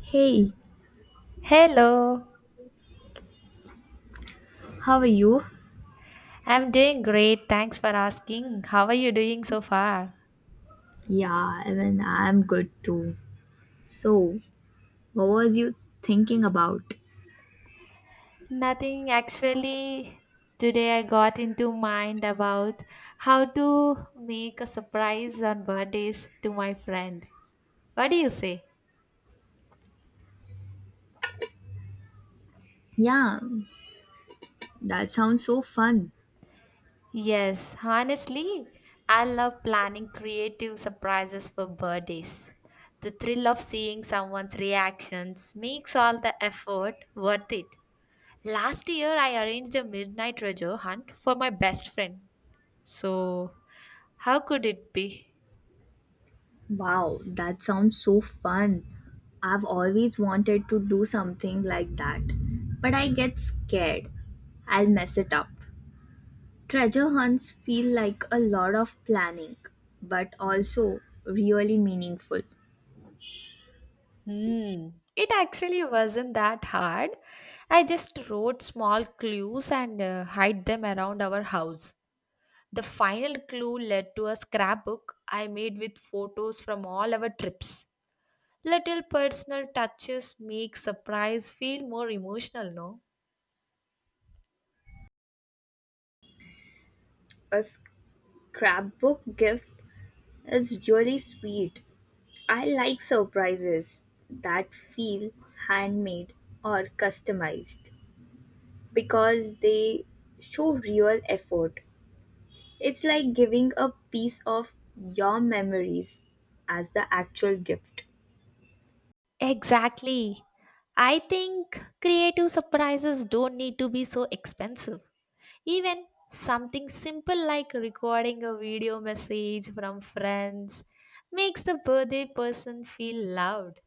Hey, Hello, how are you? I'm doing great. Thanks for asking. How are you doing so far? Yeah, even I'm good too. So, what was you thinking about? Nothing actually. Today I got into mind about how to make a surprise on birthdays to my friend. What do you say? Yeah, that sounds so fun. Yes, honestly, I love planning creative surprises for birthdays. The thrill of seeing someone's reactions makes all the effort worth it. Last year, I arranged a midnight treasure hunt for my best friend. So, how could it be? Wow, that sounds so fun. I've always wanted to do something like that, but I get scared. I'll mess it up. Treasure hunts feel like a lot of planning, but also really meaningful. Hmm. It actually wasn't that hard. I just wrote small clues and hide them around our house. The final clue led to a scrapbook I made with photos from all our trips. Little personal touches make surprise feel more emotional, no? A scrapbook gift is really sweet. I like surprises that feel handmade or customized because they show real effort. It's like giving a piece of your memories as the actual gift. Exactly. I think creative surprises don't need to be so expensive. Even something simple like recording a video message from friends makes the birthday person feel loved.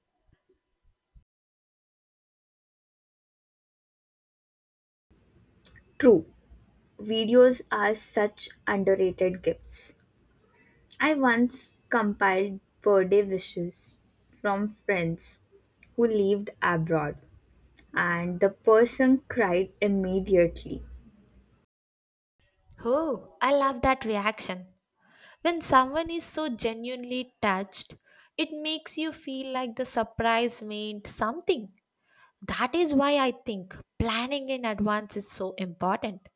True, videos are such underrated gifts. I once compiled birthday wishes from friends who lived abroad, and the person cried immediately. Oh, I love that reaction. When someone is so genuinely touched, it makes you feel like the surprise meant something. That is why I think planning in advance is so important.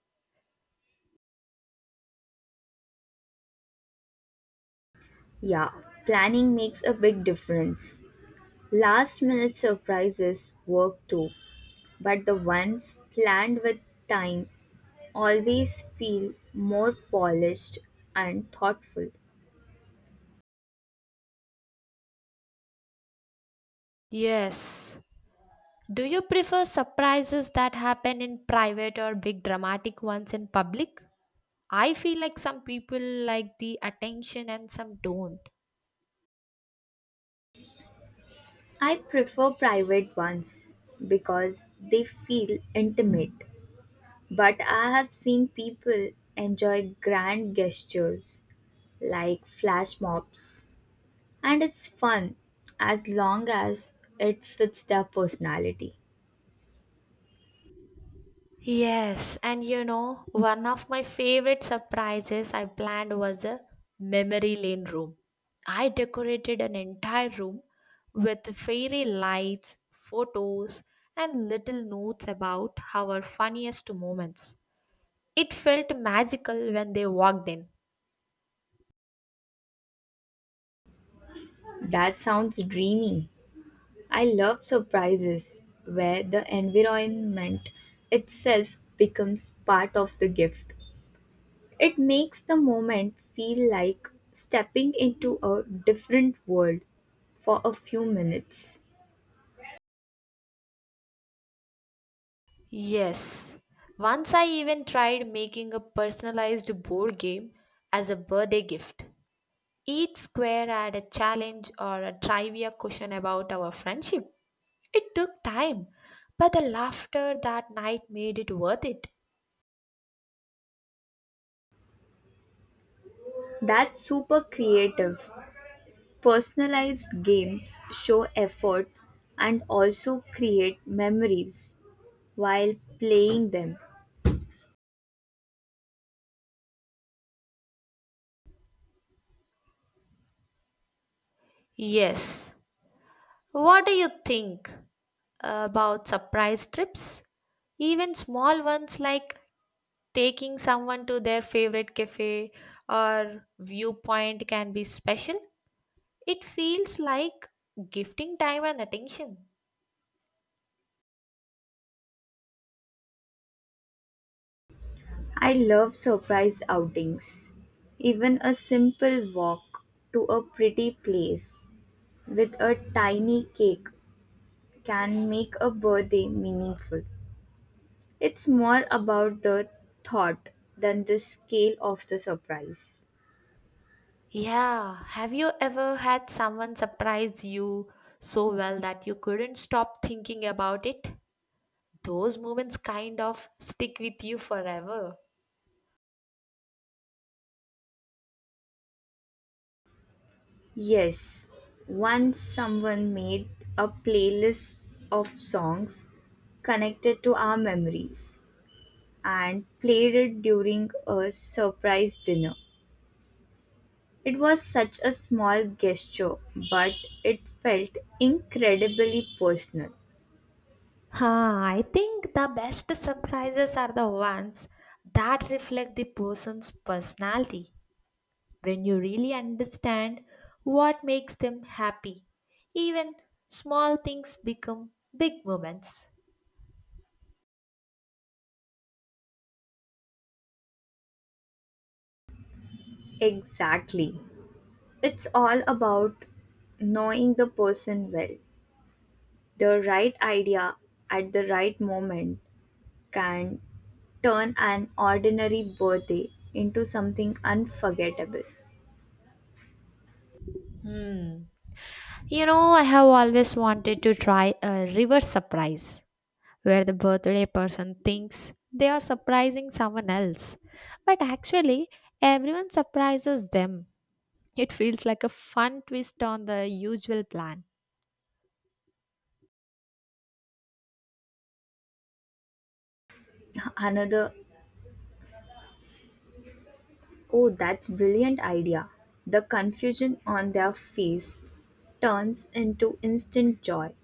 Yeah, planning makes a big difference. Last minute surprises work too, but the ones planned with time always feel more polished and thoughtful. Yes, do you prefer surprises that happen in private or big dramatic ones in public? I feel like some people like the attention and some don't. I prefer private ones because they feel intimate, but I have seen people enjoy grand gestures like flash mobs, and it's fun as long as it fits their personality. Yes, and you know, one of my favorite surprises I planned was a memory lane room. I decorated an entire room with fairy lights, photos, and little notes about our funniest moments. It felt magical when they walked in. That sounds dreamy. I love surprises where the environment itself becomes part of the gift. It makes the moment feel like stepping into a different world for a few minutes. Yes. Once I even tried making a personalized board game as a birthday gift. Each square had a challenge or a trivia question about our friendship. It took time, but the laughter that night made it worth it. That's super creative. Personalized games show effort and also create memories while playing them. Yes. What do you think about surprise trips? Even small ones like taking someone to their favorite cafe or viewpoint can be special. It feels like gifting time and attention. I love surprise outings. Even a simple walk to a pretty place with a tiny cake can make a birthday meaningful. It's more about the thought than the scale of the surprise. Yeah, have you ever had someone surprise you so well that you couldn't stop thinking about it? Those moments kind of stick with you forever. Yes, once someone made a playlist of songs connected to our memories and played it during a surprise dinner. It was such a small gesture, but it felt incredibly personal. Huh, I think the best surprises are the ones that reflect the person's personality when you really understand what makes them happy. Even small things become big moments. Exactly. It's all about knowing the person well. The right idea at the right moment can turn an ordinary birthday into something unforgettable. Hmm. You know, I have always wanted to try a reverse surprise where the birthday person thinks they are surprising someone else, but actually, everyone surprises them. It feels like a fun twist on the usual plan. Another, oh, that's brilliant idea. The confusion on their face turns into instant joy.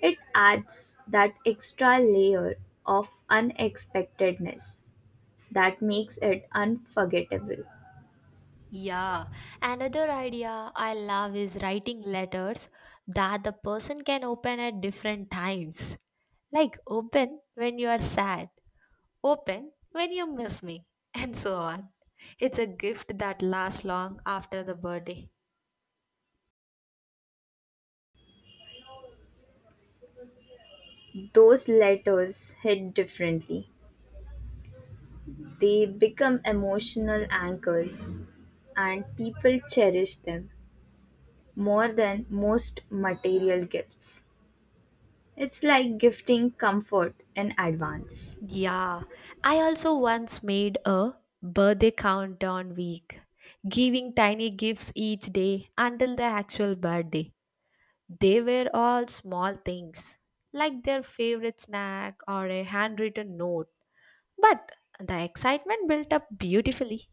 It adds that extra layer of unexpectedness that makes it unforgettable. Yeah, another idea I love is writing letters that the person can open at different times. Like, open when you are sad, open when you miss me, and so on. It's a gift that lasts long after the birthday. Those letters hit differently. They become emotional anchors, and people cherish them more than most material gifts. It's like gifting comfort in advance. Yeah, I also once made a birthday countdown week, giving tiny gifts each day until the actual birthday. They were all small things, like their favorite snack or a handwritten note. But the excitement built up beautifully.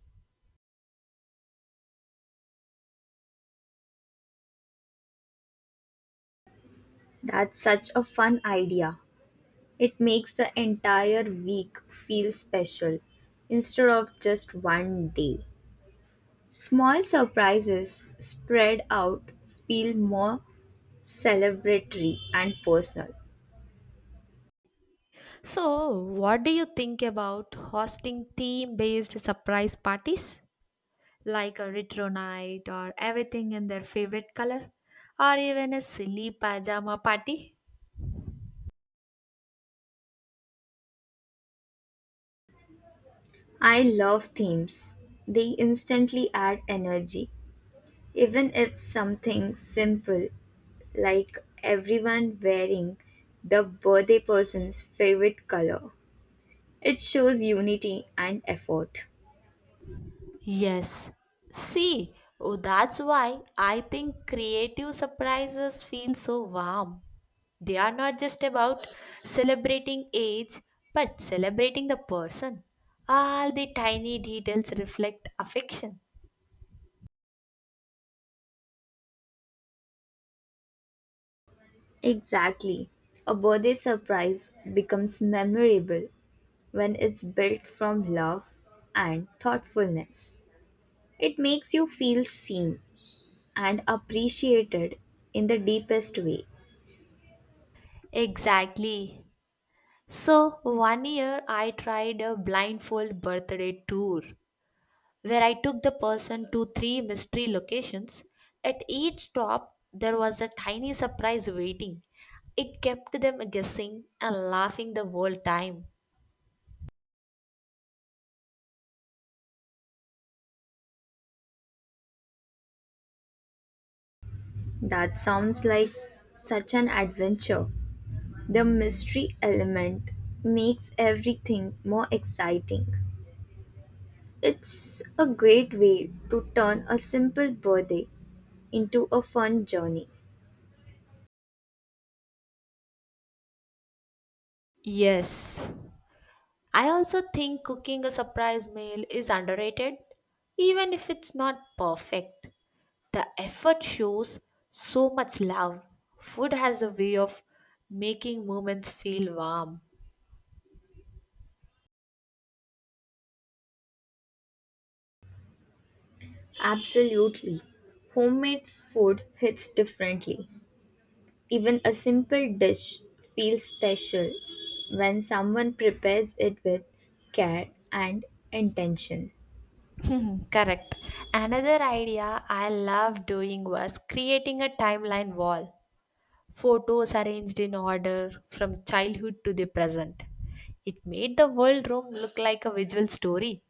That's such a fun idea. It makes the entire week feel special instead of just one day. Small surprises spread out feel more celebratory and personal. So, what do you think about hosting theme based surprise parties? Like a retro night or everything in their favorite color, or even a silly pajama party. I love themes. They instantly add energy. Even if something simple like everyone wearing the birthday person's favorite color, it shows unity and effort. Yes. See, oh, that's why I think creative surprises feel so warm. They are not just about celebrating age, but celebrating the person. All the tiny details reflect affection. Exactly. A birthday surprise becomes memorable when it's built from love and thoughtfulness. It makes you feel seen and appreciated in the deepest way. Exactly. So, one year I tried a blindfold birthday tour, where I took the person to three mystery locations. At each stop, there was a tiny surprise waiting. It kept them guessing and laughing the whole time. That sounds like such an adventure. The mystery element makes everything more exciting. It's a great way to turn a simple birthday into a fun journey. Yes. I also think cooking a surprise meal is underrated, even if it's not perfect. The effort shows so much love. Food has a way of making moments feel warm. Absolutely. Homemade food hits differently. Even a simple dish feels special when someone prepares it with care and intention. Correct. Another idea I love doing was creating a timeline wall. Photos arranged in order from childhood to the present. It made the world room look like a visual story.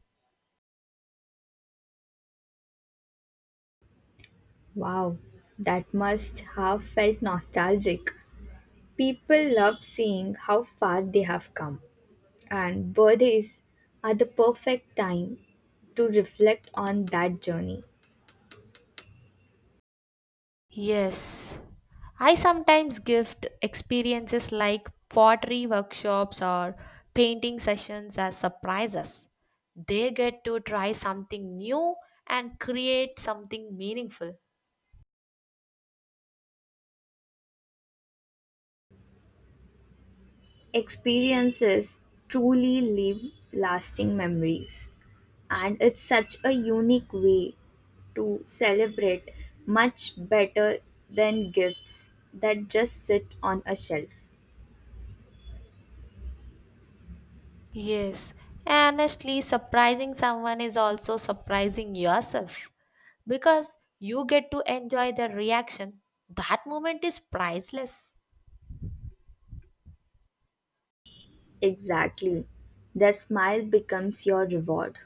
Wow, that must have felt nostalgic. People love seeing how far they have come, and birthdays are the perfect time to reflect on that journey. Yes. I sometimes gift experiences like pottery workshops or painting sessions as surprises. They get to try something new and create something meaningful. Experiences truly leave lasting memories. And it's such a unique way to celebrate, much better than gifts that just sit on a shelf. Yes, honestly, surprising someone is also surprising yourself because you get to enjoy their reaction. That moment is priceless. Exactly. Their smile becomes your reward.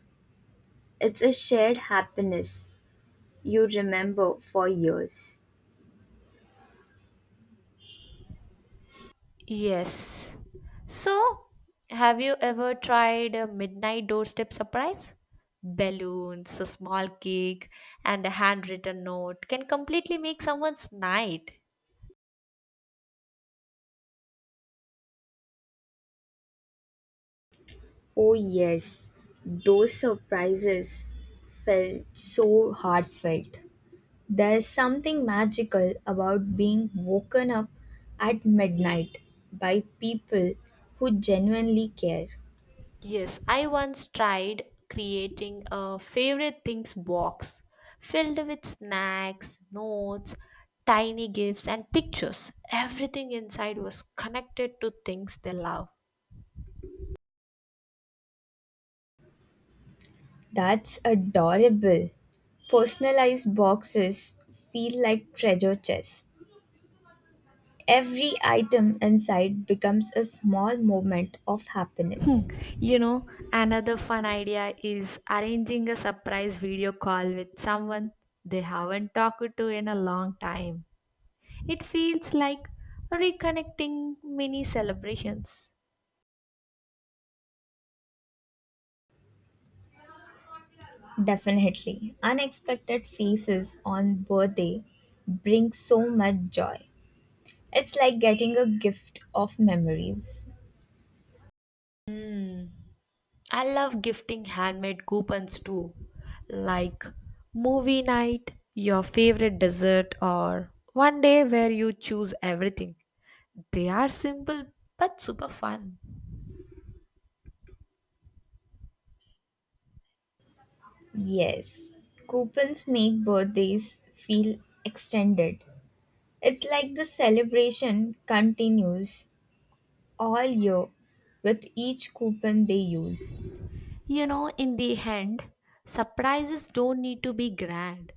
It's a shared happiness you remember for years. Yes. So, have you ever tried a midnight doorstep surprise? Balloons, a small cake, and a handwritten note can completely make someone's night. Oh, yes, those surprises felt so heartfelt. There is something magical about being woken up at midnight by people who genuinely care. Yes, I once tried creating a favorite things box filled with snacks, notes, tiny gifts, and pictures. Everything inside was connected to things they love. That's adorable. Personalized boxes feel like treasure chests. Every item inside becomes a small moment of Hmm, happiness. you know, another fun idea is arranging a surprise video call with someone they haven't talked to in a long time. It feels like reconnecting mini celebrations. Definitely, unexpected faces on birthday bring so much joy. It's like getting a gift of memories. Hmm. I love gifting handmade coupons too, like movie night, your favorite dessert, or one day where you choose everything. They are simple but super fun. Yes, coupons make birthdays feel extended. It's like the celebration continues all year with each coupon they use. You know, in the end, surprises don't need to be grand,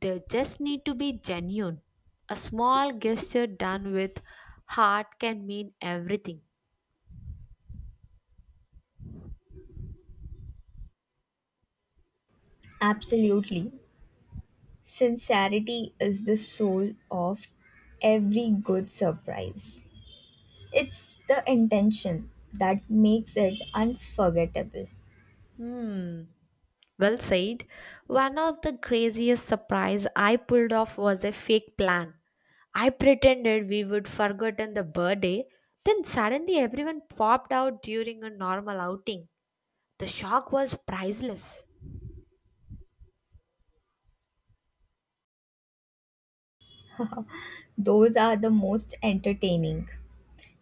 they just need to be genuine. A small gesture done with heart can mean everything. Absolutely. Sincerity is the soul of every good surprise. It's the intention that makes it unforgettable. Hmm. Well said. One of the craziest surprise I pulled off was a fake plan. I pretended we would forgotten the birthday, then suddenly everyone popped out during a normal outing. The shock was priceless. Those are the most entertaining.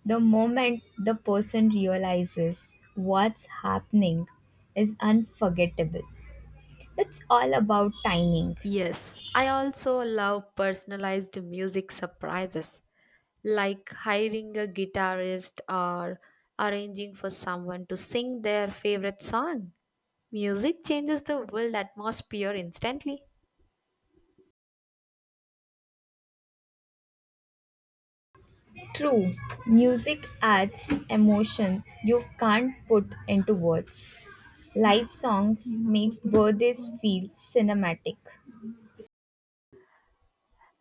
The moment the person realizes what's happening is unforgettable. It's all about timing. Yes, I also love personalized music surprises, like hiring a guitarist or arranging for someone to sing their favorite song. Music changes the world atmosphere instantly. True, music adds emotion you can't put into words. Live songs makes birthdays feel cinematic.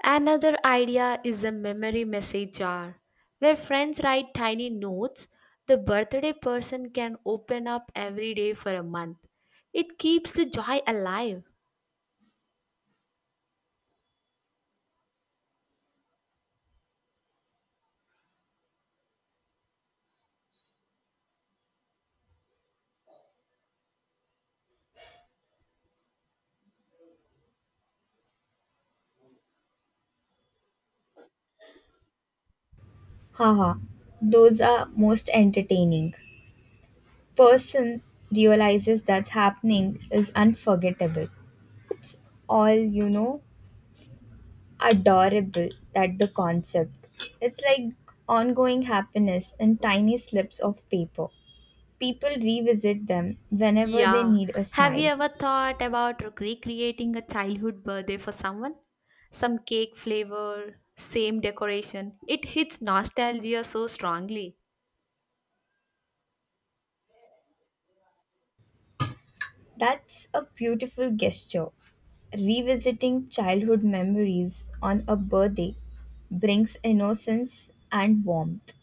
Another idea is a memory message jar where friends write tiny notes the birthday person can open up every day for a month. It keeps the joy alive. Haha, those are most entertaining. Person realizes that's happening is unforgettable. It's all adorable that the concept. It's like ongoing happiness in tiny slips of paper. People revisit them whenever they Yeah. need a Have you smile. ever thought about recreating a childhood birthday for someone? Some cake flavor, same decoration. It hits nostalgia so strongly. That's a beautiful gesture. Revisiting childhood memories on a birthday brings innocence and warmth.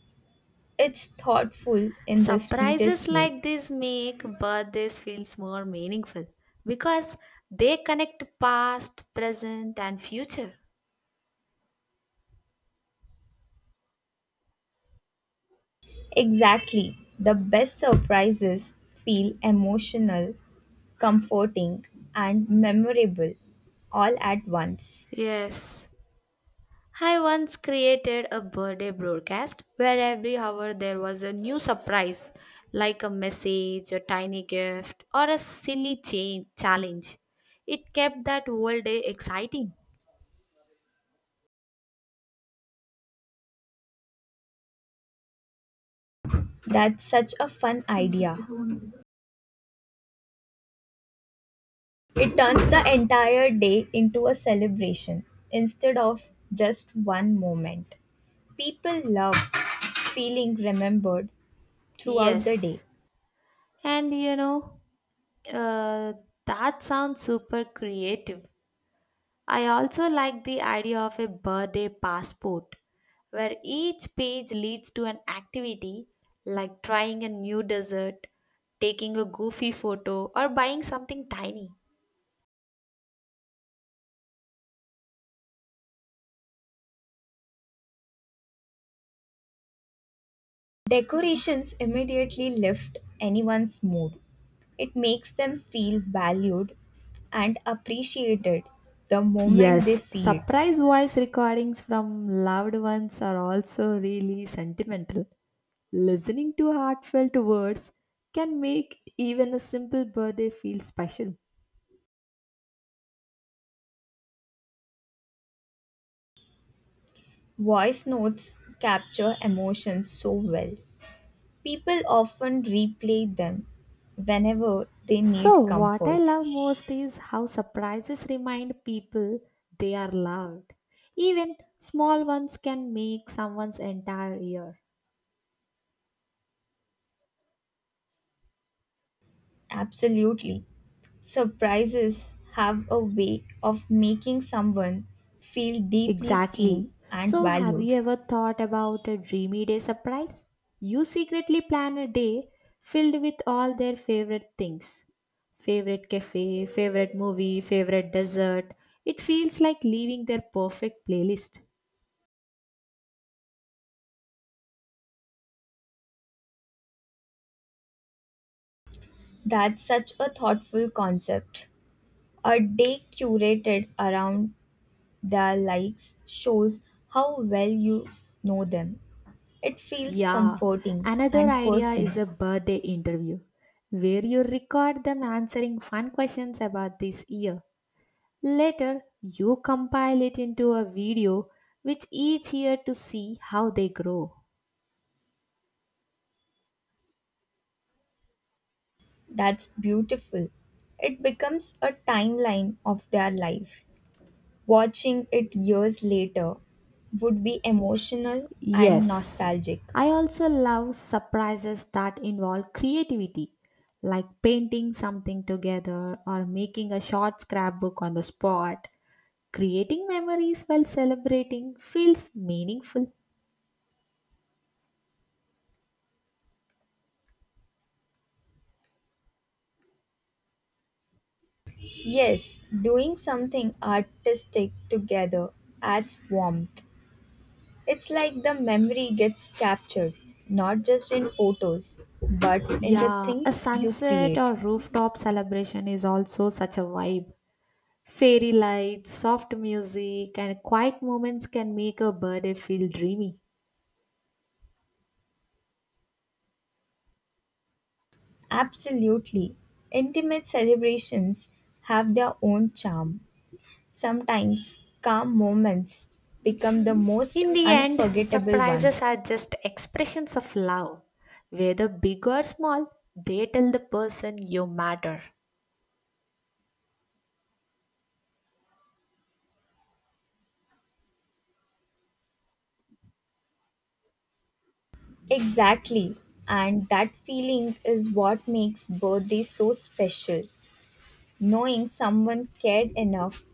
It's thoughtful in the Surprises sweetest way. like this make birthdays feels more meaningful because they connect past, present and future. Exactly. The best surprises feel emotional comforting, and memorable all at once. Yes. I once created a birthday broadcast where every hour there was a new surprise like a message, a tiny gift or a silly change, challenge. It kept that whole day exciting. That's such a fun idea. It turns the entire day into a celebration instead of just one moment. People love feeling remembered throughout the day. Yes. And you know, uh, that sounds super creative. I also like the idea of a birthday passport where each page leads to an activity like trying a new dessert, taking a goofy photo, or buying something tiny. Decorations immediately lift anyone's mood. It makes them feel valued and appreciated the moment they Yes, see it. surprise voice recordings from loved ones are also really sentimental. Listening to heartfelt words can make even a simple birthday feel special. Voice notes capture emotions so well. People often replay them whenever they So, need what I comfort. love most is how surprises remind people they are loved. Even small ones can make someone's entire year. Absolutely. Surprises have a way of making someone feel deeply Exactly. seen and So, have valued. you ever thought about a dreamy day surprise? You secretly plan a day filled with all their favorite things, favorite cafe, favorite movie, favorite dessert. It feels like leaving their perfect playlist. That's such a thoughtful concept. A day curated around their likes shows how well you know them. It feels Yeah, comforting another and idea is personal. a birthday interview where you record them answering fun questions about this year. Later, you compile it into a video which each year to see how they grow. That's beautiful. It becomes a timeline of their life. Watching it years later would be emotional and Yes, nostalgic. I also love surprises that involve creativity, like painting something together or making a short scrapbook on the spot. Creating memories while celebrating feels meaningful. Yes, doing something artistic together adds warmth. It's like the memory gets captured, not just in photos, but in the Yeah, a things you sunset create. or rooftop celebration is also such a vibe. Fairy lights, soft music, and quiet moments can make a birthday feel dreamy. Absolutely. Intimate celebrations have their own charm. Sometimes calm moments become the most In the end, unforgettable ones. surprises are just expressions of love. Whether big or small, they tell the person you matter. Exactly. And that feeling is what makes birthdays so special, knowing someone cared enough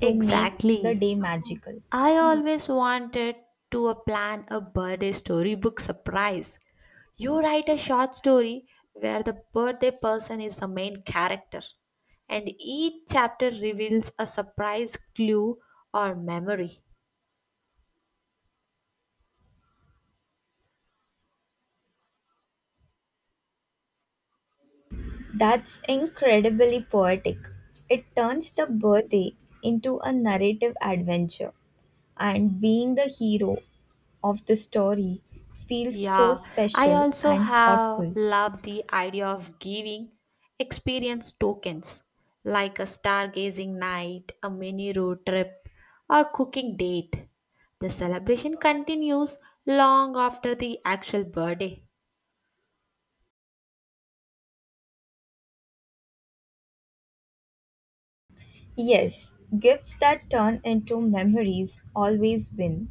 to make the Exactly. day magical. I always wanted to plan a birthday storybook surprise. You write a short story where the birthday person is the main character, and each chapter reveals a surprise clue or memory. That's incredibly poetic. It turns the birthday into a narrative adventure, and being the hero of the story feels so Yeah, I special also and have thoughtful. love the idea of giving experience tokens like a stargazing night, a mini road trip, or cooking date. The celebration continues long after the actual birthday. Yes, gifts that turn into memories always win.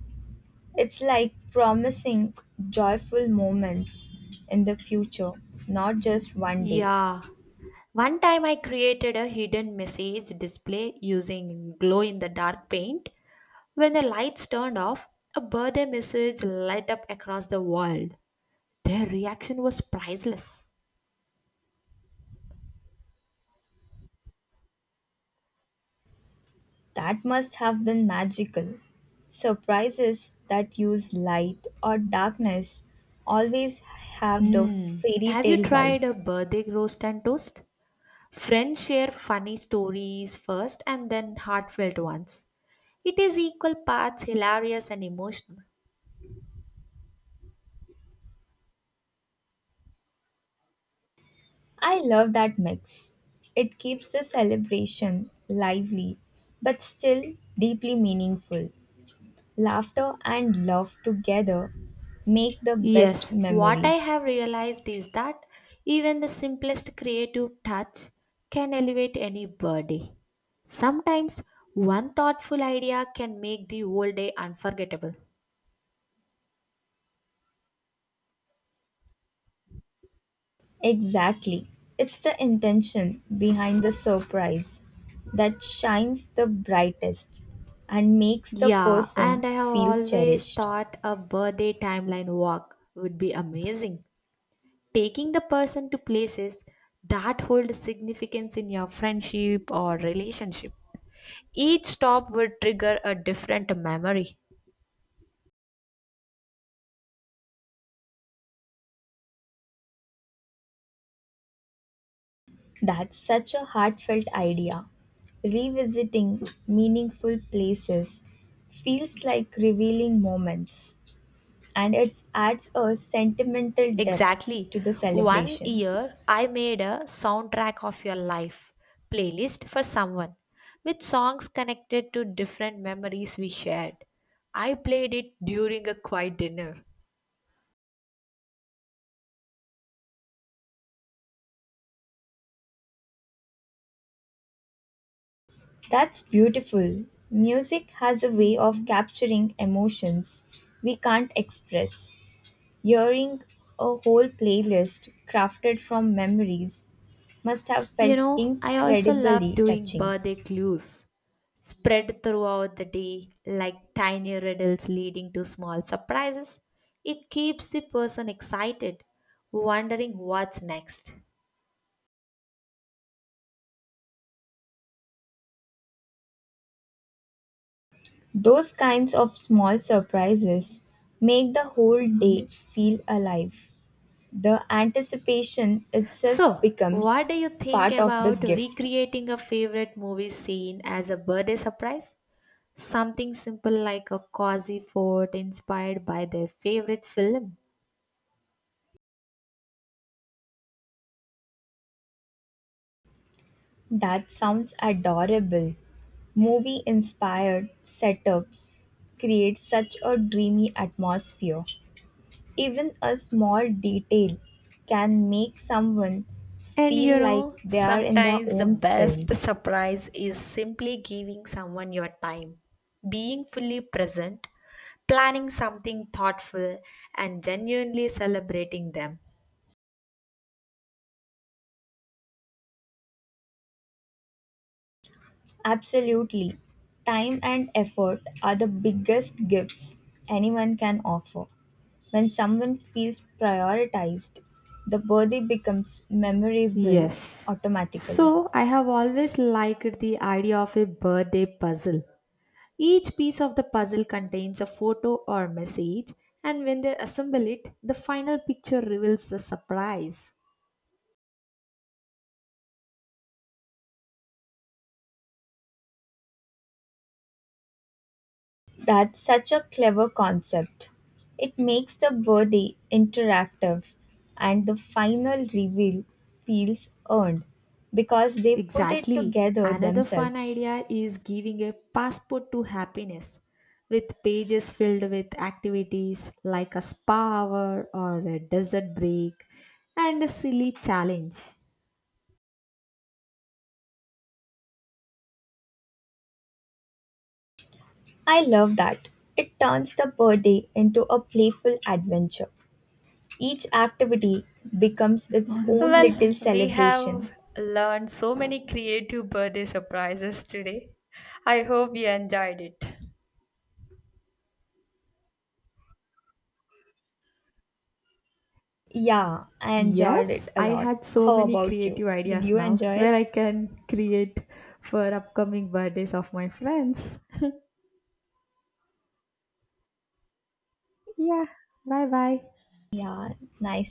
It's like promising joyful moments in the future, not just one day. Yeah. One time I created a hidden message display using glow in the dark paint. When the lights turned off, a birthday message light up across the world. Their reaction was priceless. That must have been magical. Surprises that use light or darkness always have the Hmm. fairy Have you tale vibe. tried a birthday roast and toast? Friends share funny stories first and then heartfelt ones. It is equal parts hilarious and emotional. I love that mix. It keeps the celebration lively but still deeply meaningful. Laughter and love together make the best Yes, what I memories. have realized is that even the simplest creative touch can elevate any birthday. Sometimes one thoughtful idea can make the whole day unforgettable. Exactly. It's the intention behind the surprise that shines the brightest and makes the Yeah, and person I have feel always cherished. thought a birthday timeline walk would be amazing. Taking the person to places that hold significance in your friendship or relationship. Each stop would trigger a different memory. That's such a heartfelt idea. Revisiting meaningful places feels like revealing moments and it adds a sentimental depth Exactly. to the One celebration. year, I made a soundtrack of your life playlist for someone with songs connected to different memories we shared. I played it during a quiet dinner. That's beautiful. Music has a way of capturing emotions we can't express. Hearing a whole playlist crafted from memories must have You felt know, I also love incredibly doing touching. birthday clues spread throughout the day like tiny riddles leading to small surprises. It keeps the person excited, wondering what's next. Those kinds of small surprises make the whole day feel alive. The anticipation itself So, becomes what do you think part of the about gift. recreating a favorite movie scene as a birthday surprise? Something simple like a cozy fort inspired by their favorite film. That sounds adorable. Movie inspired setups create such a dreamy atmosphere. Even a small detail can make someone And you feel like know, they are in their sometimes the own best film. surprise is simply giving someone your time, being fully present, planning something thoughtful, and genuinely celebrating them. Absolutely. Time and effort are the biggest gifts anyone can offer. When someone feels prioritized, the birthday becomes memorable Yes. automatically. So I have always liked the idea of a birthday puzzle. Each piece of the puzzle contains a photo or message, and when they assemble it, the final picture reveals the surprise. That's such a clever concept. It makes the birdie interactive and the final reveal feels earned because they put it Exactly. together Another fun themselves. idea is giving a passport to happiness with pages filled with activities like a spa hour or a desert break and a silly challenge. I love that. It turns the birdie into a playful adventure. Each activity becomes its own Well, little we have celebration. learned so many creative birthday surprises today. I hope you enjoyed it. Yeah, I enjoyed Yes, it a I lot. had so How many about you? creative Did ideas you now enjoy it? where I can create for upcoming birthdays of my friends. Yeah. Bye bye. Yeah, nice